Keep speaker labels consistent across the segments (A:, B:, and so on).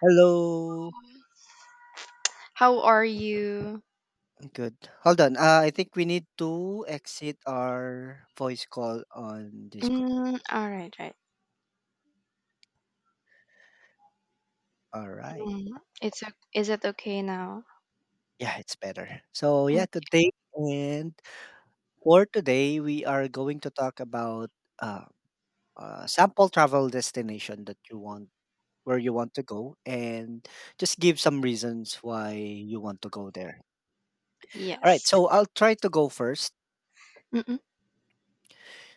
A: Hello.
B: How are you?
A: Good. Hold on. I think we need to exit our voice call on Discord.
B: Mm, all right, right.
A: All right.
B: Mm, it's o Is it okay now?
A: Yeah, it's better. So yeah,
B: Mm,
A: today and for today we are going to talk about uh, sample travel destination that you want, where you want to go, and just give some reasons why you want to go there. All right.
B: yes.
A: So I'll try to go first.
B: Mm-mm.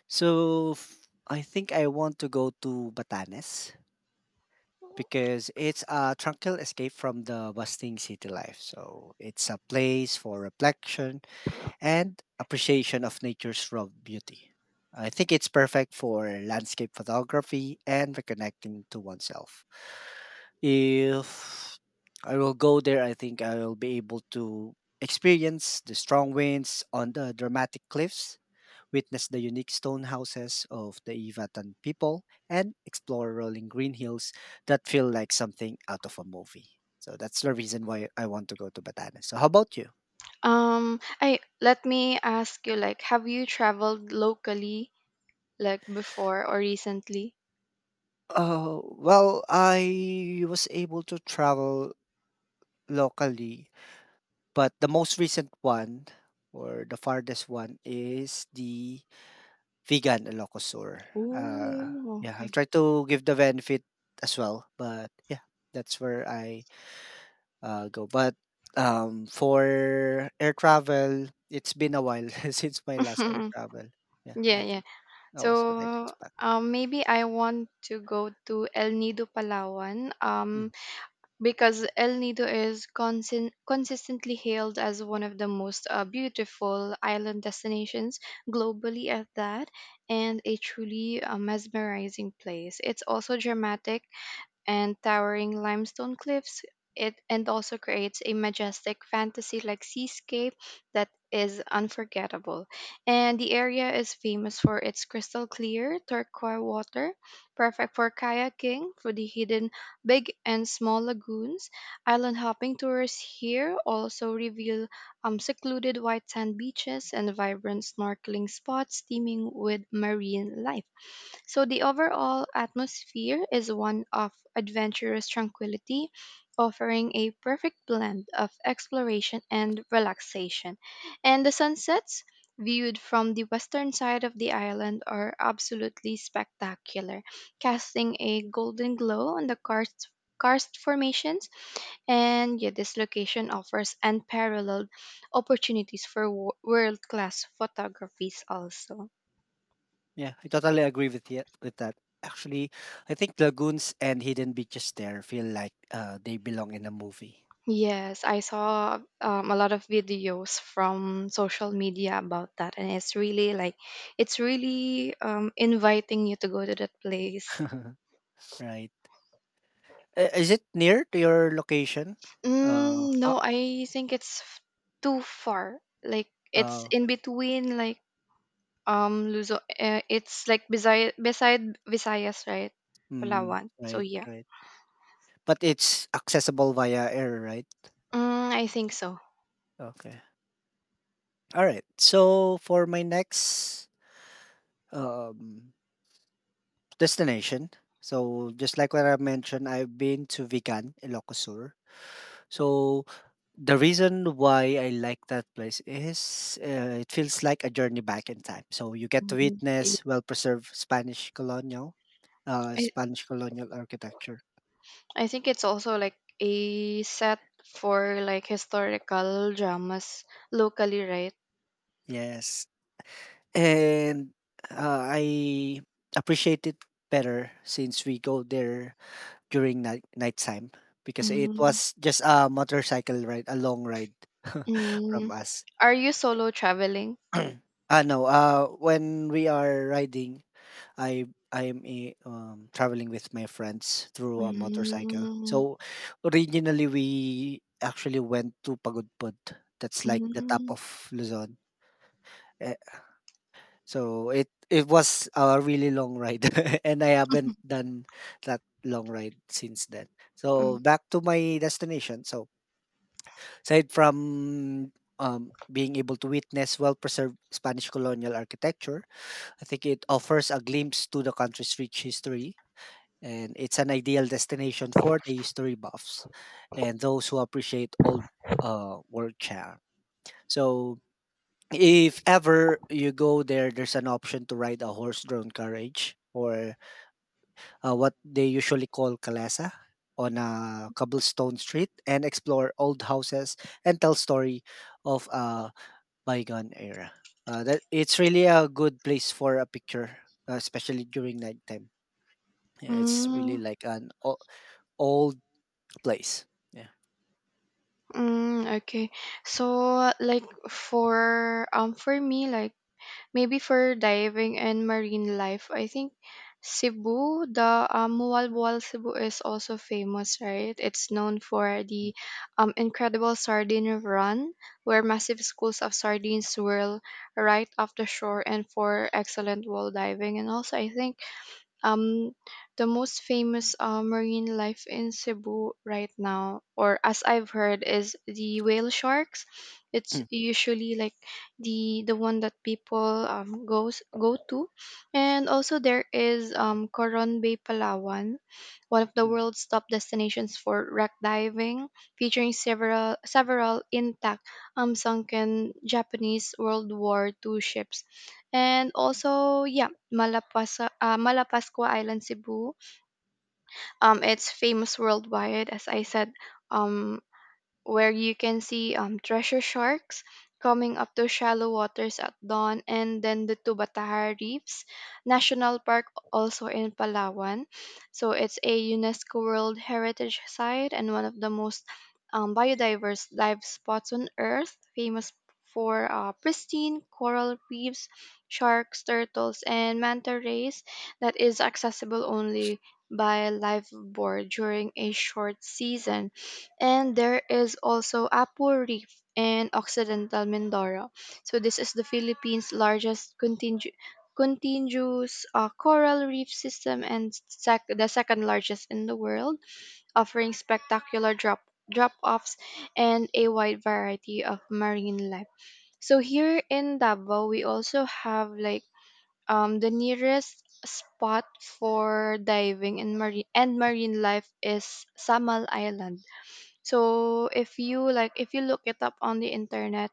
A: I think I want to go to Batanes, because it's a tranquil escape from the bustling city life. So it's a place for reflection and appreciation of nature's raw beauty. I think it's perfect for landscape photography and reconnecting to oneself. If I will go there, I think I will be able to experience the strong winds on the dramatic cliffs, witness the unique stone houses of the Ivatan people, and explore rolling green hills that feel like something out of a movie. So that's the reason why I want to go to Batanes. So how about you?
B: I Let me ask you, like, have you traveled locally, like before or recently?
A: Well, I was able to travel locally, but the most recent one or the farthest one is the Vegan Ilocosur.
B: Oh,
A: Yeah, I'll
B: okay.
A: try to give the benefit as well, but yeah, that's where I go. But for air travel, it's been a while since my last air travel. Yeah,
B: Yeah,
A: I
B: yeah.
A: think that was a decade
B: So,
A: back.
B: maybe I want to go to El Nido, Palawan.
A: Mm.
B: Because El Nido is consistently hailed as one of the most beautiful island destinations globally, at that, and a truly mesmerizing place. It's also dramatic and towering limestone cliffs. It and also creates a majestic fantasy like seascape that is unforgettable. And the area is famous for its crystal clear turquoise water, perfect for kayaking, for the hidden big and small lagoons. Island hopping tours here also reveal secluded white sand beaches and vibrant snorkeling spots teeming with marine life. So the overall atmosphere is one of adventurous tranquility, offering a perfect blend of exploration and relaxation. And the sunsets, viewed from the western side of the island, are absolutely spectacular, casting a golden glow on the karst formations. And yeah, this location offers unparalleled opportunities for world class photographies, also.
A: Yeah, I totally agree with you with that. Actually, I think lagoons and hidden beaches there feel like they belong in a movie.
B: Yes, I saw a lot of videos from social media about that, and it's really like it's really inviting you to go to that place.
A: Right. Is it near to your location? Uh,
B: Mm,
A: ah,
B: no, I think it's too far. Like it's
A: oh,
B: in between, like Luzon. It's like beside Visayas, right? Palawan. So
A: right,
B: yeah,
A: right. But it's accessible via air, right?
B: I think so.
A: Okay. All right. So for my next um, destination, so just like what I mentioned, I've been to Vigan, Ilocos Sur. So the reason why I like that place is, it feels like a journey back in time. So you get to
B: Mhm.
A: witness
B: I
A: Spanish colonial architecture.
B: I think it's also like a set for like historical dramas locally, right?
A: Yes. And uh, I appreciate it better since we go there during nighttime, because it
B: Mm,
A: was just a motorcycle ride, a long ride from
B: mm.
A: us.
B: Are you solo traveling?
A: Ah no, when we are riding, I am traveling with my friends through a motorcycle.
B: Mm,
A: So originally we actually went to Pagudpud. That's like the top
B: mm,
A: of Luzon. So it was a really long ride, and I haven't done that long ride since then. So
B: mm,
A: back to my destination. So aside from being able to witness well-preserved Spanish colonial architecture, I think it offers a glimpse to the country's rich history, and it's an ideal destination for the history buffs and those who appreciate old, world charm. So if ever you go there, there's an option to ride a horse-drawn carriage, or what they usually call kalesa, on a cobblestone street and explore old houses and tell story of a bygone era. That it's really a good place for a picture, especially during nighttime. Yeah, it's really
B: mm,
A: like an old place. Yeah.
B: mm, okay. So like for me, like maybe for diving and marine life, I think Cebu, the Mualbual Cebu is also famous, right? It's known for
A: Hm.
B: the incredible sardine run, where massive schools of sardines swirl right off the shore, and for excellent wall diving. And also, I think um, the most famous marine life in Cebu right now, or as I've heard, is the whale sharks. It's
A: Mm,
B: usually like the one that people goes go to, and also there is Coron Bay, Palawan, one of the
A: mm,
B: world's top destinations for wreck diving, featuring several intact sunken Japanese World War II ships. And also, yeah, Malapascua Island, Cebu. It's famous worldwide, as I said, um, where you can see treasure sharks coming up to shallow waters at dawn, and then the Tubatahara Reefs National Park, also in Palawan. So it's a UNESCO World Heritage Site and one of the most biodiverse dive spots on Earth, famous for pristine coral reefs, sharks, turtles, and manta rays that is accessible only by live board during a short season. And there is also Apu Reef in Occidental Mindoro. So this is the Philippines' largest continuous coral reef system and the second largest in the world, offering spectacular drop-offs and a wide variety of marine life. So here in Davao, we also have like the nearest spot for diving and marine life is Samal Island. So if you look it up on the internet,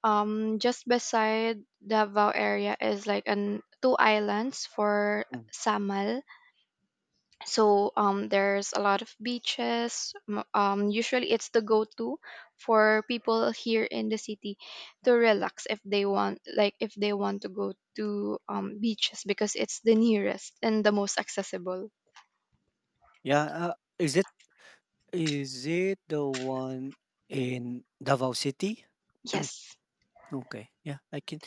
B: just beside Davao area is like an two islands for
A: mm.
B: Samal. So there's a lot of beaches. Usually it's the go-to for people here in the city to relax, if they want to go to beaches, because it's the nearest and the most accessible.
A: Yeah, uh, is it is it the one in Davao City?
B: Yes.
A: Okay. Yeah, I can.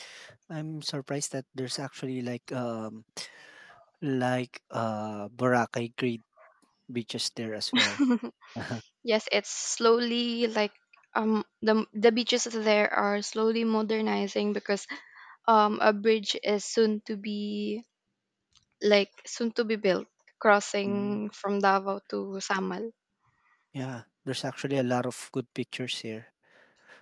A: I'm surprised that there's actually like Boracay great beaches there as well.
B: Yes, it's slowly like the beaches there are slowly modernizing, because a bridge is soon to be built
A: Mm,
B: crossing from Davao to Samal.
A: yeah, there's actually a lot of good pictures here.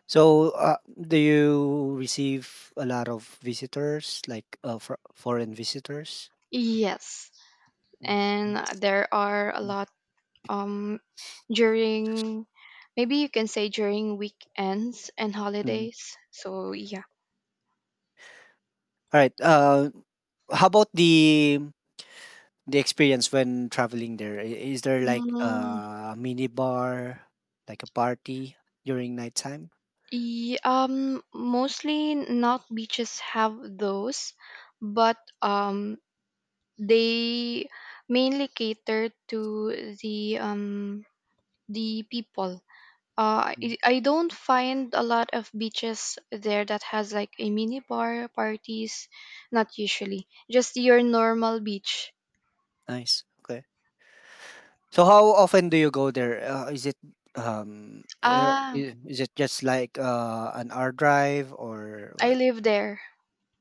A: So, do you receive a lot of visitors, like for foreign visitors?
B: Yes.
A: Mm,
B: And
A: nice.
B: there are a
A: Mm,
B: lot um during, maybe you can say, during weekends and
A: mm.
B: holidays. So yeah.
A: All right. How about the experience when traveling there? I- Is there like
B: Mm,
A: a mini bar, like a party during nighttime?
B: mostly not beaches have those, but They mainly cater to the um the people. Uh,
A: Mm.
B: I, I don't find a lot of beaches there that has like a mini bar parties. Not usually, just your normal beach.
A: Nice. Okay. So how often do you go there?
B: Ah,
A: Is it just like an hour drive or what?
B: I live there.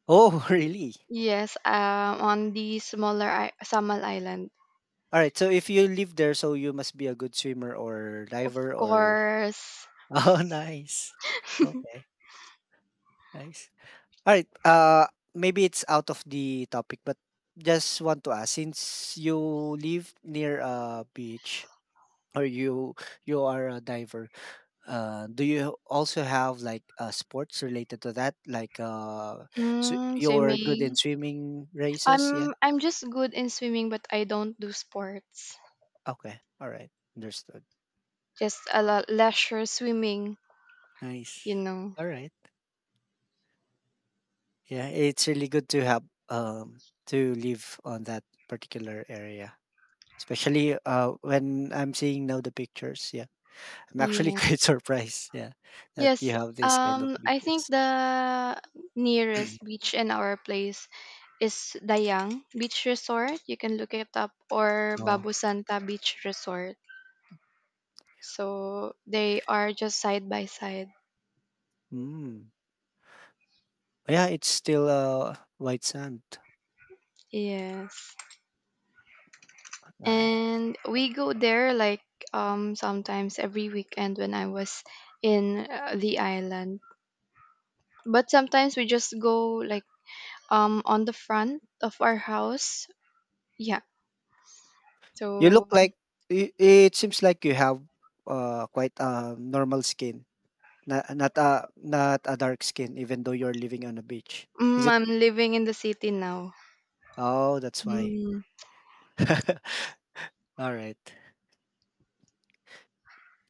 A: Oh, really?
B: Yes, on the smaller Samal Island.
A: All right. So if you live there, so you must be a good swimmer or
B: Of
A: diver or
B: course.
A: Oh, nice. Okay. Nice. All right. Maybe it's out of the topic, but just want to ask since you live near a beach, or you are a diver. Do you also have like sports related to that? So
B: Mm,
A: you're good
B: swimming.
A: in swimming races? Yeah.
B: I'm just good in swimming, but I don't do sports.
A: Okay. All right. Understood.
B: Just a lot leisure swimming. You
A: Nice.
B: know.
A: All right. Yeah, it's really good to have um to live on that particular area, especially when I'm seeing now the pictures. Yeah, I'm actually
B: Yeah.
A: quite surprised. Yeah, that you
B: Yes.
A: have this kind of
B: I think
A: beaches.
B: the nearest beach in our place is Dayang Beach Resort. You can look it up, or
A: Oh,
B: Babu Santa Beach Resort. So they are just side by side.
A: mm. Yeah, it's still white sand.
B: Yes.
A: Nice.
B: And we go there like sometimes every weekend when I was in the island. But sometimes we just go like on the front of our house. Yeah.
A: You
B: So,
A: look like I it seems like you have, quite a normal skin, not a dark skin, even though you're living on a beach. Is
B: mm,
A: it?
B: I'm living in the city now.
A: Oh, that's why.
B: Mm,
A: Alright.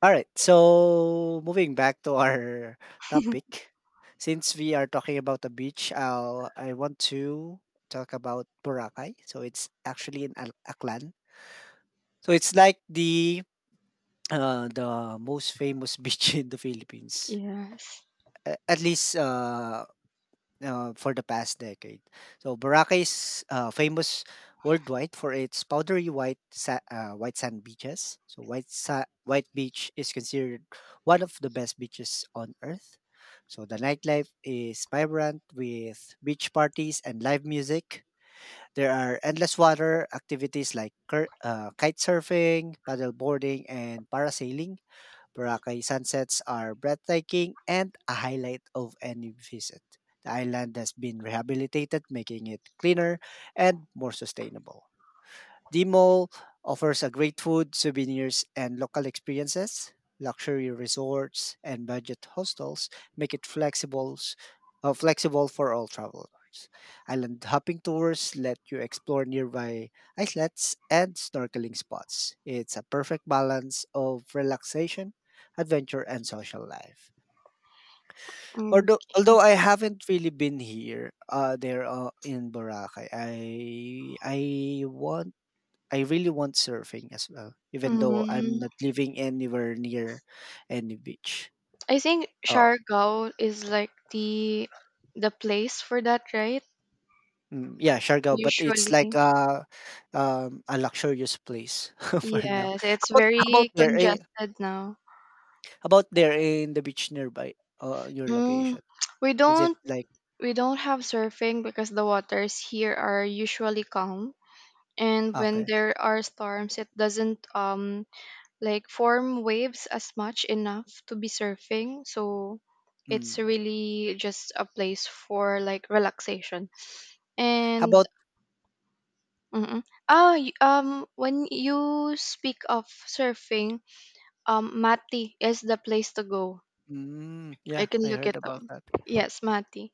A: Alright, so moving back to our topic. Since we are talking about the beach, I want to talk about Boracay. So it's actually in Aklan. So it's like the most famous beach in the Philippines,
B: yes.
A: a at least, for the past decade. So Boracay is famous worldwide for its white sand beaches. So white beach is considered one of the best beaches on earth. So the nightlife is vibrant with beach parties and live music. There are endless water activities like kite surfing, paddle boarding, and parasailing. Boracay sunsets are breathtaking and a highlight of any visit. The island has been rehabilitated, making it cleaner and more sustainable. The mall offers a great food, souvenirs, and local experiences. Luxury resorts and budget hostels make it flexible for all travelers. Island hopping tours let you explore nearby islets and snorkeling spots. It's a perfect balance of relaxation, adventure, and social life.
B: Mm,
A: Although I haven't really been here, there in Boracay, I want, I really want surfing as well, even though I'm
B: mm.
A: not living anywhere near any beach.
B: I think
A: Uh,
B: Siargao is like the place for that, right?
A: yeah, Siargao, but it's like
B: Usually.
A: a luxurious place for now.
B: Yes,
A: How
B: it's
A: about how about
B: very
A: there?
B: congested now.
A: How about there in the beach nearby? Your
B: Mm,
A: location,
B: we
A: is it
B: don't
A: like
B: we don't have surfing because the waters here are usually calm. And when
A: okay?
B: there are storms, it doesn't form waves as much enough to be surfing, so it's
A: Mm.
B: really just a place for like relaxation
A: How
B: and,
A: about?
B: mm oh, when you speak of surfing, mati is the place to go.
A: Mm,
B: I
A: yeah,
B: can
A: I
B: look
A: heard
B: it up.
A: about that.
B: Yes, mati.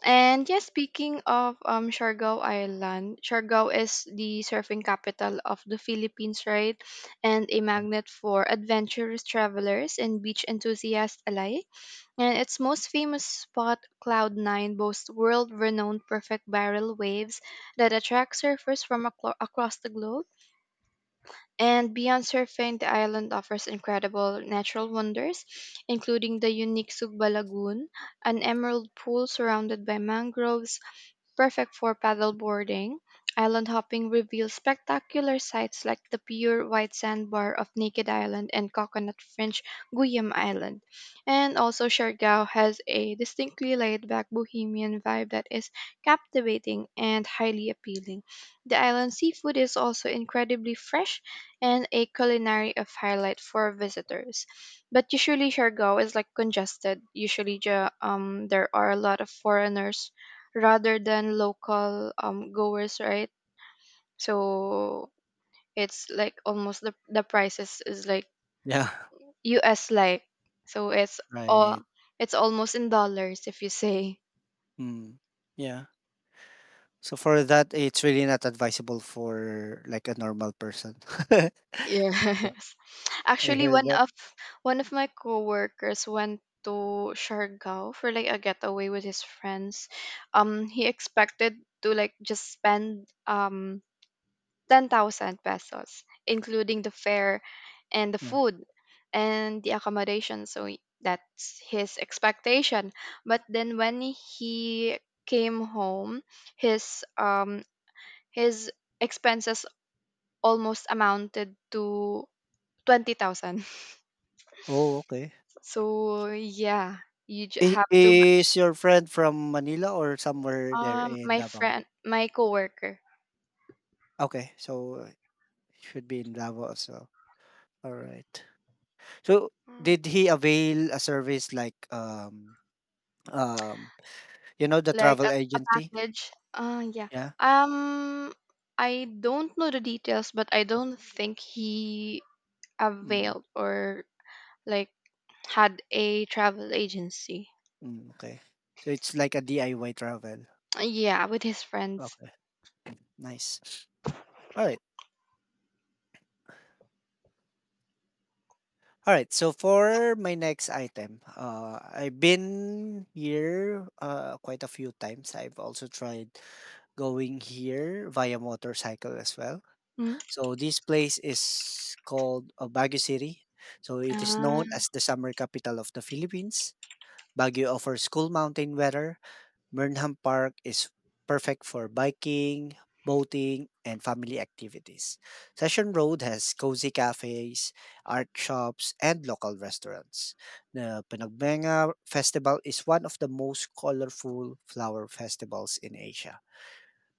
B: And yes, speaking of Siargao Island, Siargao is the surfing capital of the Philippines, right? And a magnet for adventurous travelers and beach enthusiasts alike. And its most famous spot, Cloud Nine, boasts world-renowned perfect barrel waves that attract surfers from across the globe. And beyond surfing, the island offers incredible natural wonders, including the unique Sugba Lagoon, an emerald pool surrounded by mangroves, perfect for paddleboarding. Island hopping reveals spectacular sights like the pure white sandbar of Naked Island and coconut fringed Guyam Island. And also, Siargao has a distinctly laid back bohemian vibe that is captivating and highly appealing. The island seafood is also incredibly fresh and a culinary of highlight for visitors. But usually, Siargao is like congested. Usually there are a lot of foreigners rather than local goers, right? So it's like almost the prices is like
A: Yeah,
B: US like. So it's
A: right.
B: all, it's almost in dollars, if you say.
A: Mm, yeah. So for that, it's really not advisable for like a normal person.
B: Yes.
A: I
B: Actually,
A: heard that.
B: one of my coworkers went to Siargao for like a getaway with his friends. He expected to like just spend 10,000 pesos, including the fare and the
A: Yeah.
B: food and the accommodation. So that's his expectation. But then when he came home, his um his expenses almost amounted to 20,000.
A: Oh, okay.
B: So yeah, you
A: I
B: have to,
A: is your friend from Manila or somewhere there in
B: my
A: Davao?
B: friend, my coworker.
A: Okay, so should be in Davao as well. All right. So did he avail a service like um you know the
B: like a,
A: travel
B: a
A: agency?
B: package. Yeah.
A: Yeah.
B: Um, I don't know the details, but I don't think he
A: Mm,
B: availed or like had a travel agency.
A: mm, okay. So it's like a DIY travel.
B: Yeah, with his friends.
A: Okay. Nice. All right. All right. So for my next item, I've been here quite a few times. I've also tried going here via motorcycle as well.
B: Mm.
A: So this place is called Baguio City. So it is
B: Ah,
A: known as the summer capital of the Philippines. Baguio offers cool mountain weather. Burnham Park is perfect for biking, boating, and family activities. Session Road has cozy cafes, art shops, and local restaurants. The Panagbenga Festival is one of the most colorful flower festivals in Asia.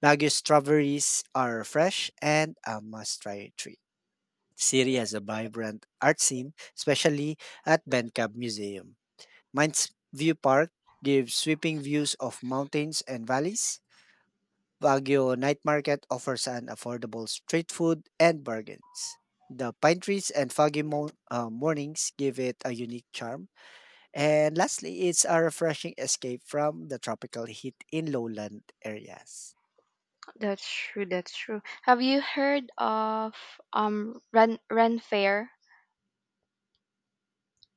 A: Baguio strawberries are fresh and a must-try treat. The city has a vibrant art scene, especially at Bencab Museum. Mines View Park gives sweeping views of mountains and valleys. Baguio Night Market offers an affordable street food and bargains. The pine trees and mornings give it a unique charm. And lastly, it's a refreshing escape from the tropical heat in lowland areas.
B: that's true. That's true. Have you heard of Ren Fair?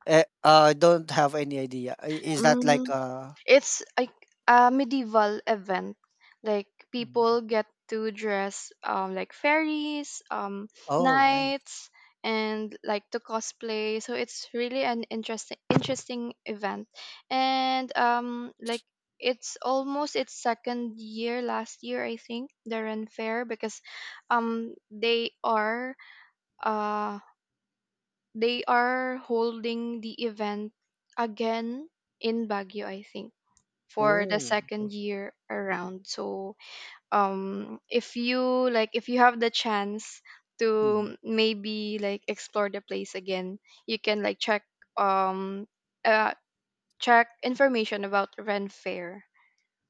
A: I don't have any idea. I Is that like
B: Mm.
A: a
B: It's like a medieval event. Like
A: Mhm.
B: people get to dress like fairies,
A: Oh, nice.
B: knights, and like to cosplay. So it's really an interesting event. And it's almost its second year last year, I think, the Ren Fair, because um they are uh they are holding the event again in Baguio, I think, for the
A: Oh.
B: second year around. So if you like if you have the chance
A: Mhm.
B: to maybe like explore the place again, you can like check, um uh check information about rent fair.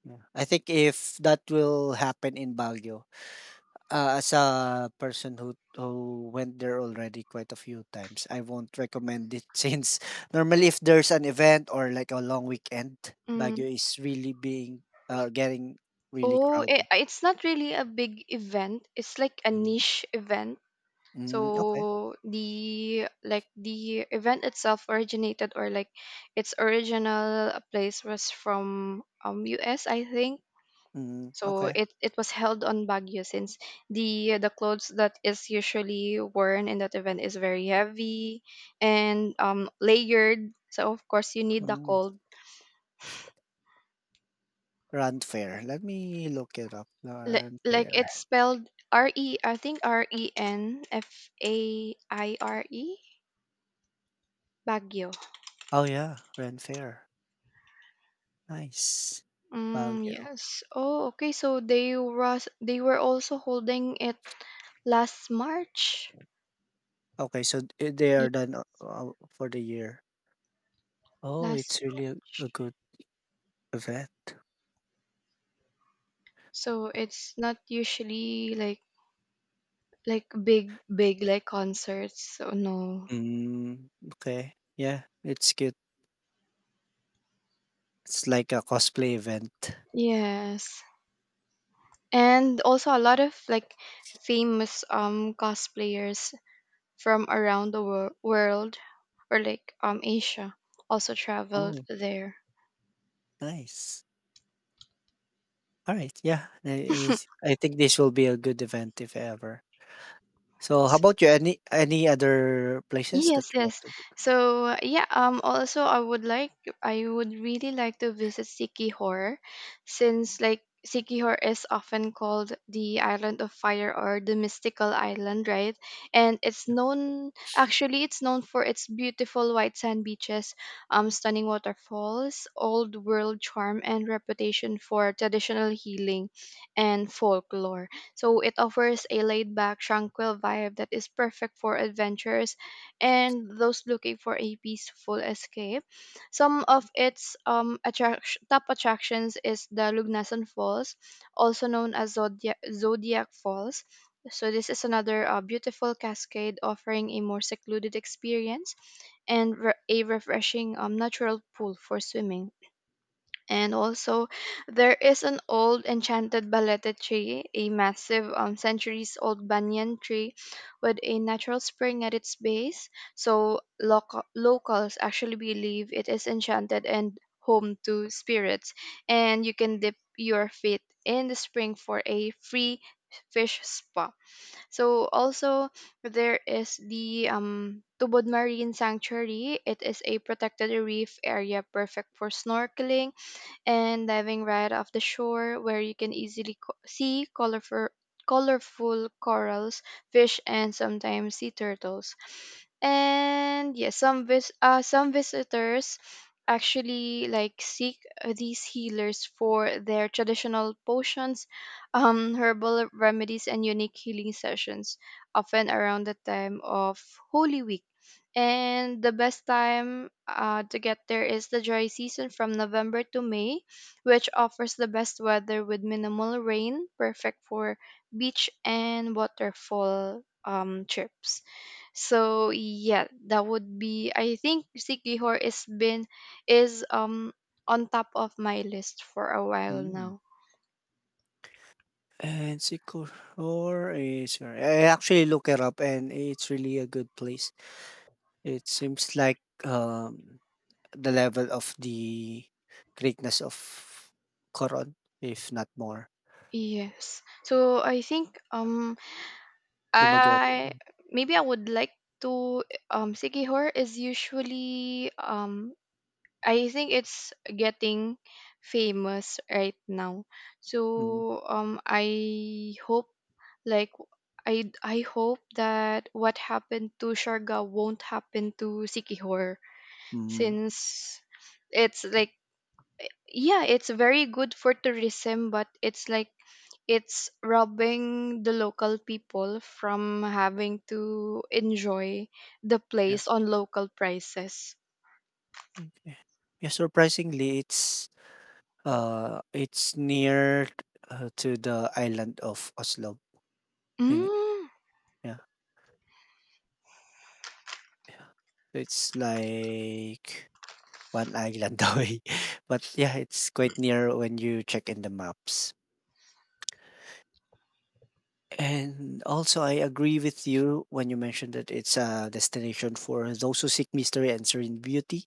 A: Yeah. I think if that will happen in Baguio, as a person who went there already quite a few times, I won't recommend it since normally if there's an event or like a long weekend,
B: Mm.
A: Baguio is really being getting really
B: Oh, it
A: crowded.
B: it's not really a big event. It's like a
A: Mm.
B: niche event.
A: Mm, okay.
B: So the, like, the event itself originated or, like, its original place was from US, I think.
A: Mm,
B: So
A: okay.
B: it was held on Baguio since the clothes that is usually worn in that event is very heavy and layered. So of course you need the
A: Mm.
B: cold.
A: Rand Fair. Let me look it up.
B: Li-
A: Rand
B: like
A: Fair.
B: it's spelled R E I think Renfaire Baguio.
A: Oh, yeah, Renfair, nice.
B: Mm,
A: Baguio.
B: yes. Oh, okay. So they were also holding it last March.
A: Okay, so I they
B: Yeah,
A: are done, for the year. Oh, it's
B: last
A: really
B: March.
A: a good event.
B: So it's not usually like big like concerts, so no.
A: Mm, okay, yeah, it's good. It's like a cosplay event.
B: Yes, and also a lot of like famous cosplayers from around the world, or like asia also traveled
A: Oh,
B: there.
A: nice. Alright, yeah, I Is I think this will be a good event if ever. So how about you? Any other places that
B: Yes,
A: you want
B: yes.
A: to go?
B: So yeah, also I would like, I would really like to visit Sikihor, since like Sikihor is often called the island of fire or the mystical island, right? And it's known, actually it's known for its beautiful white sand beaches, stunning waterfalls, old world charm, and reputation for traditional healing and folklore. So it offers a laid-back, tranquil vibe that is perfect for adventures and those looking for a peaceful escape. Some of its top attractions is the Lugnasan Falls, also known as Zodiac Falls. So this is another beautiful cascade offering a more secluded experience and a refreshing natural pool for swimming. And also, there is an old enchanted balete tree, a massive centuries old banyan tree with a natural spring at its base. So, locals actually believe it is enchanted and home to spirits. And you can dip your feet in the spring for a free fish spa. So, also, there is the Tubod Marine Sanctuary. It is a protected reef area perfect for snorkeling and diving right off the shore, where you can easily see colorful corals, fish, and sometimes sea turtles. And yes, some some visitors actually like seek these healers for their traditional potions, herbal remedies, and unique healing sessions, often around the time of Holy Week. And the best time to get there is the dry season from November to May, which offers the best weather with minimal rain, perfect for beach and waterfall trips. So yeah, that would be, I think Sikihor is been is on top of my list for a while
A: Mm.
B: now.
A: And Sikihor is where I actually look it up and it's really a good place. It seems like um the level of the greatness of Koron, if not more.
B: Yes. So I think,
A: Dumaguete.
B: I maybe I would like to, Sigihor is usually, I think it's getting famous right now.
A: Mm.
B: So I hope, like, I hope that what happened to Sharga won't happen to Sikihor,
A: Mm.
B: since it's like, yeah, it's very good for tourism, but it's like it's robbing the local people from having to enjoy the
A: Yeah.
B: place on local prices.
A: Okay. Yeah, surprisingly it's, it's near to the island of Oslo. In,
B: Mm,
A: yeah, yeah. So, it's like one island away. But yeah, it's quite near when you check in the maps. And also, I agree with you when you mentioned that it's a destination for those who seek mystery and serene beauty.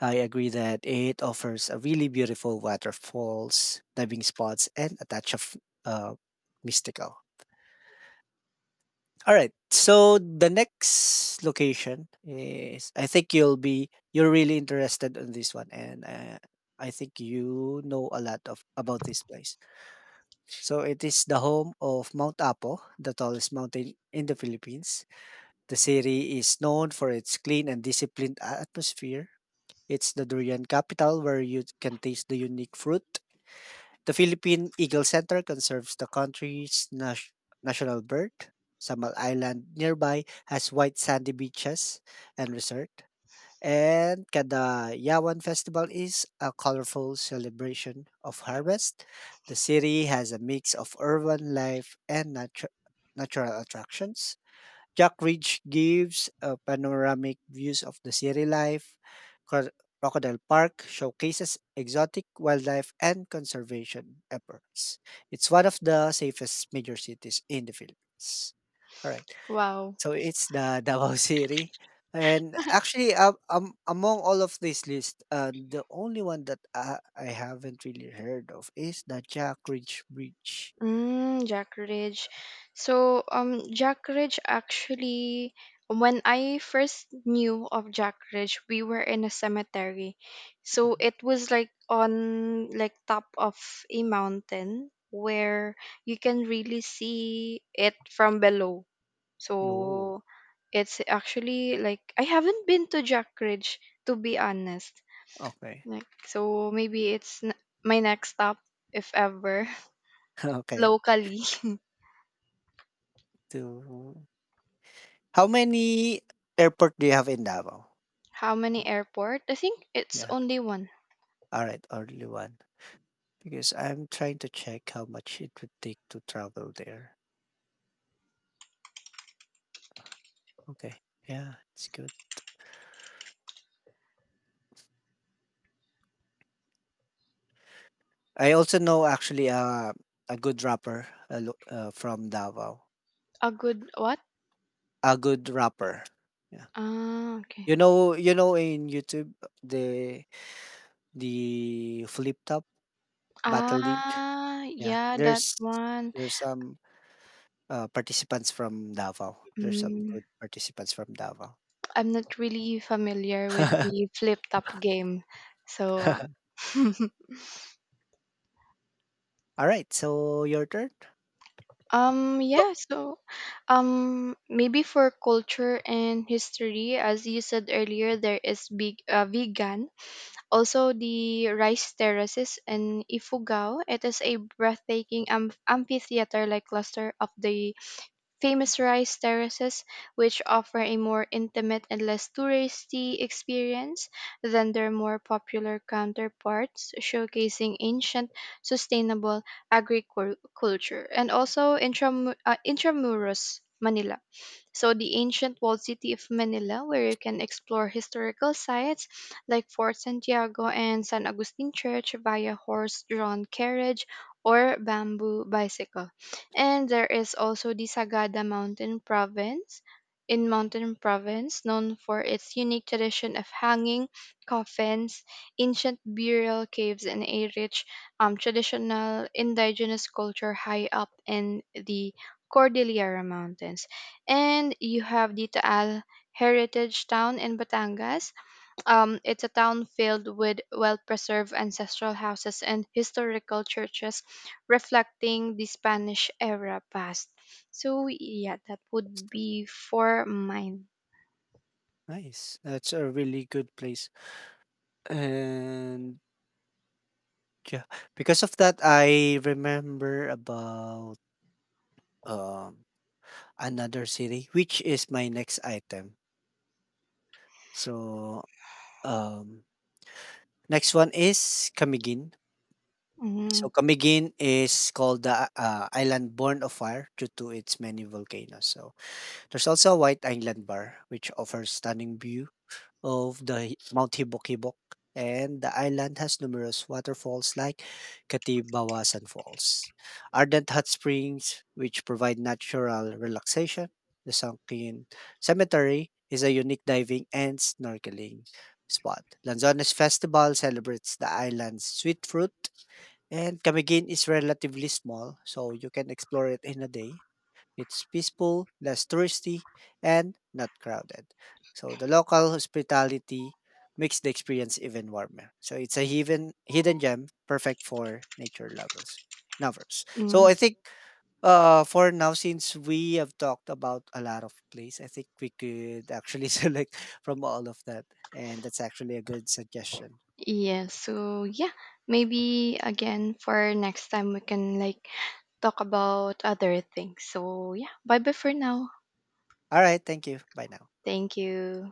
A: I agree that it offers a really beautiful waterfalls, diving spots, and a touch of uh, mystical. All right. So the next location is, I think you'll be, you're really interested in this one, and I think you know a lot of about this place. So it is the home of Mount Apo, the tallest mountain in the Philippines. The city is known for its clean and disciplined atmosphere. It's the durian capital where you can taste the unique fruit. The Philippine Eagle Center conserves the country's national bird. Samal Island nearby has white sandy beaches and resort. And Kadayawan Festival is a colorful celebration of harvest. The city has a mix of urban life and natural attractions. Jack Ridge gives panoramic views of the city life. Cro- Crocodile Park showcases exotic wildlife and conservation efforts. It's one of the safest major cities in the Philippines. All right.
B: wow.
A: So it's the Davao City. And actually, among all of this list, the only one that I haven't really heard of is the Jack Ridge Bridge.
B: Mm, Jack Ridge. So, Jack Ridge actually, when I first knew of Jack Ridge, we were in a cemetery. So
A: Mhm.
B: it was like on, like, top of a mountain where you can really see it from below.
A: No.
B: So it's actually, like, I haven't been to Jack Ridge, to be honest.
A: Okay.
B: Like, so maybe my next stop if ever.
A: Okay.
B: Locally.
A: So, how many airport do you have in Davao?
B: How many airport? I think it's
A: Yeah.
B: only one.
A: All right, only one. Because I'm trying to check how much it would take to travel there. Okay. Yeah, it's good. I also know actually a good rapper from Davao.
B: A good what?
A: A good rapper. Yeah.
B: Ah, okay.
A: You know in YouTube the Flip Top Battle League.
B: Ah,
A: Yeah.
B: yeah, that one.
A: There's some participants from Davao. There's some
B: Mm,
A: good participants from Davao.
B: I'm not really familiar with the flip top game. So.
A: All right, so your turn.
B: Yeah, so maybe for culture and history, as you said earlier, there is big vegan. Also the rice terraces in Ifugao. It is a breathtaking amphitheater like cluster of the famous rice terraces, which offer a more intimate and less touristy experience than their more popular counterparts, showcasing ancient sustainable agriculture, and also intramuros Manila. So the ancient walled city of Manila, where you can explore historical sites like Fort Santiago and San Agustin Church via horse-drawn carriage or bamboo bicycle. And there is also the Sagada Mountain Province in Mountain Province, known for its unique tradition of hanging coffins, ancient burial caves, and a rich traditional indigenous culture high up in the Cordillera Mountains. And you have Ditaal Heritage Town in Batangas. It's a town filled with well preserved ancestral houses and historical churches reflecting the Spanish era past. So, yeah, that would be for mine.
A: Nice. That's a really good place. And yeah, because of that, I remember about um another city, which is my next item. So um, next one is Camiguin. So
B: Mm,
A: Camiguin is called the island born of fire due to its many volcanoes. So there's also a white island bar which offers stunning view of the Mount Hibok-Hibok, and the island has numerous waterfalls like Katibawasan Falls, ardent hot springs which provide natural relaxation. The Sunken Cemetery is a unique diving and snorkeling spot. Lanzones Festival celebrates the island's sweet fruit, and Camiguin is relatively small, so you can explore it in a day. It's peaceful, less touristy, and not crowded. So the local hospitality makes the experience even warmer. So it's a hidden gem, perfect for nature lovers. So
B: mm.
A: I think for now, since we have talked about a lot of place, I think we could actually select from all of that, and that's actually a good suggestion.
B: Yeah, so yeah, maybe again for next time we can like talk about other things. So, yeah, bye bye for now.
A: All right, thank you. Bye now.
B: Thank you.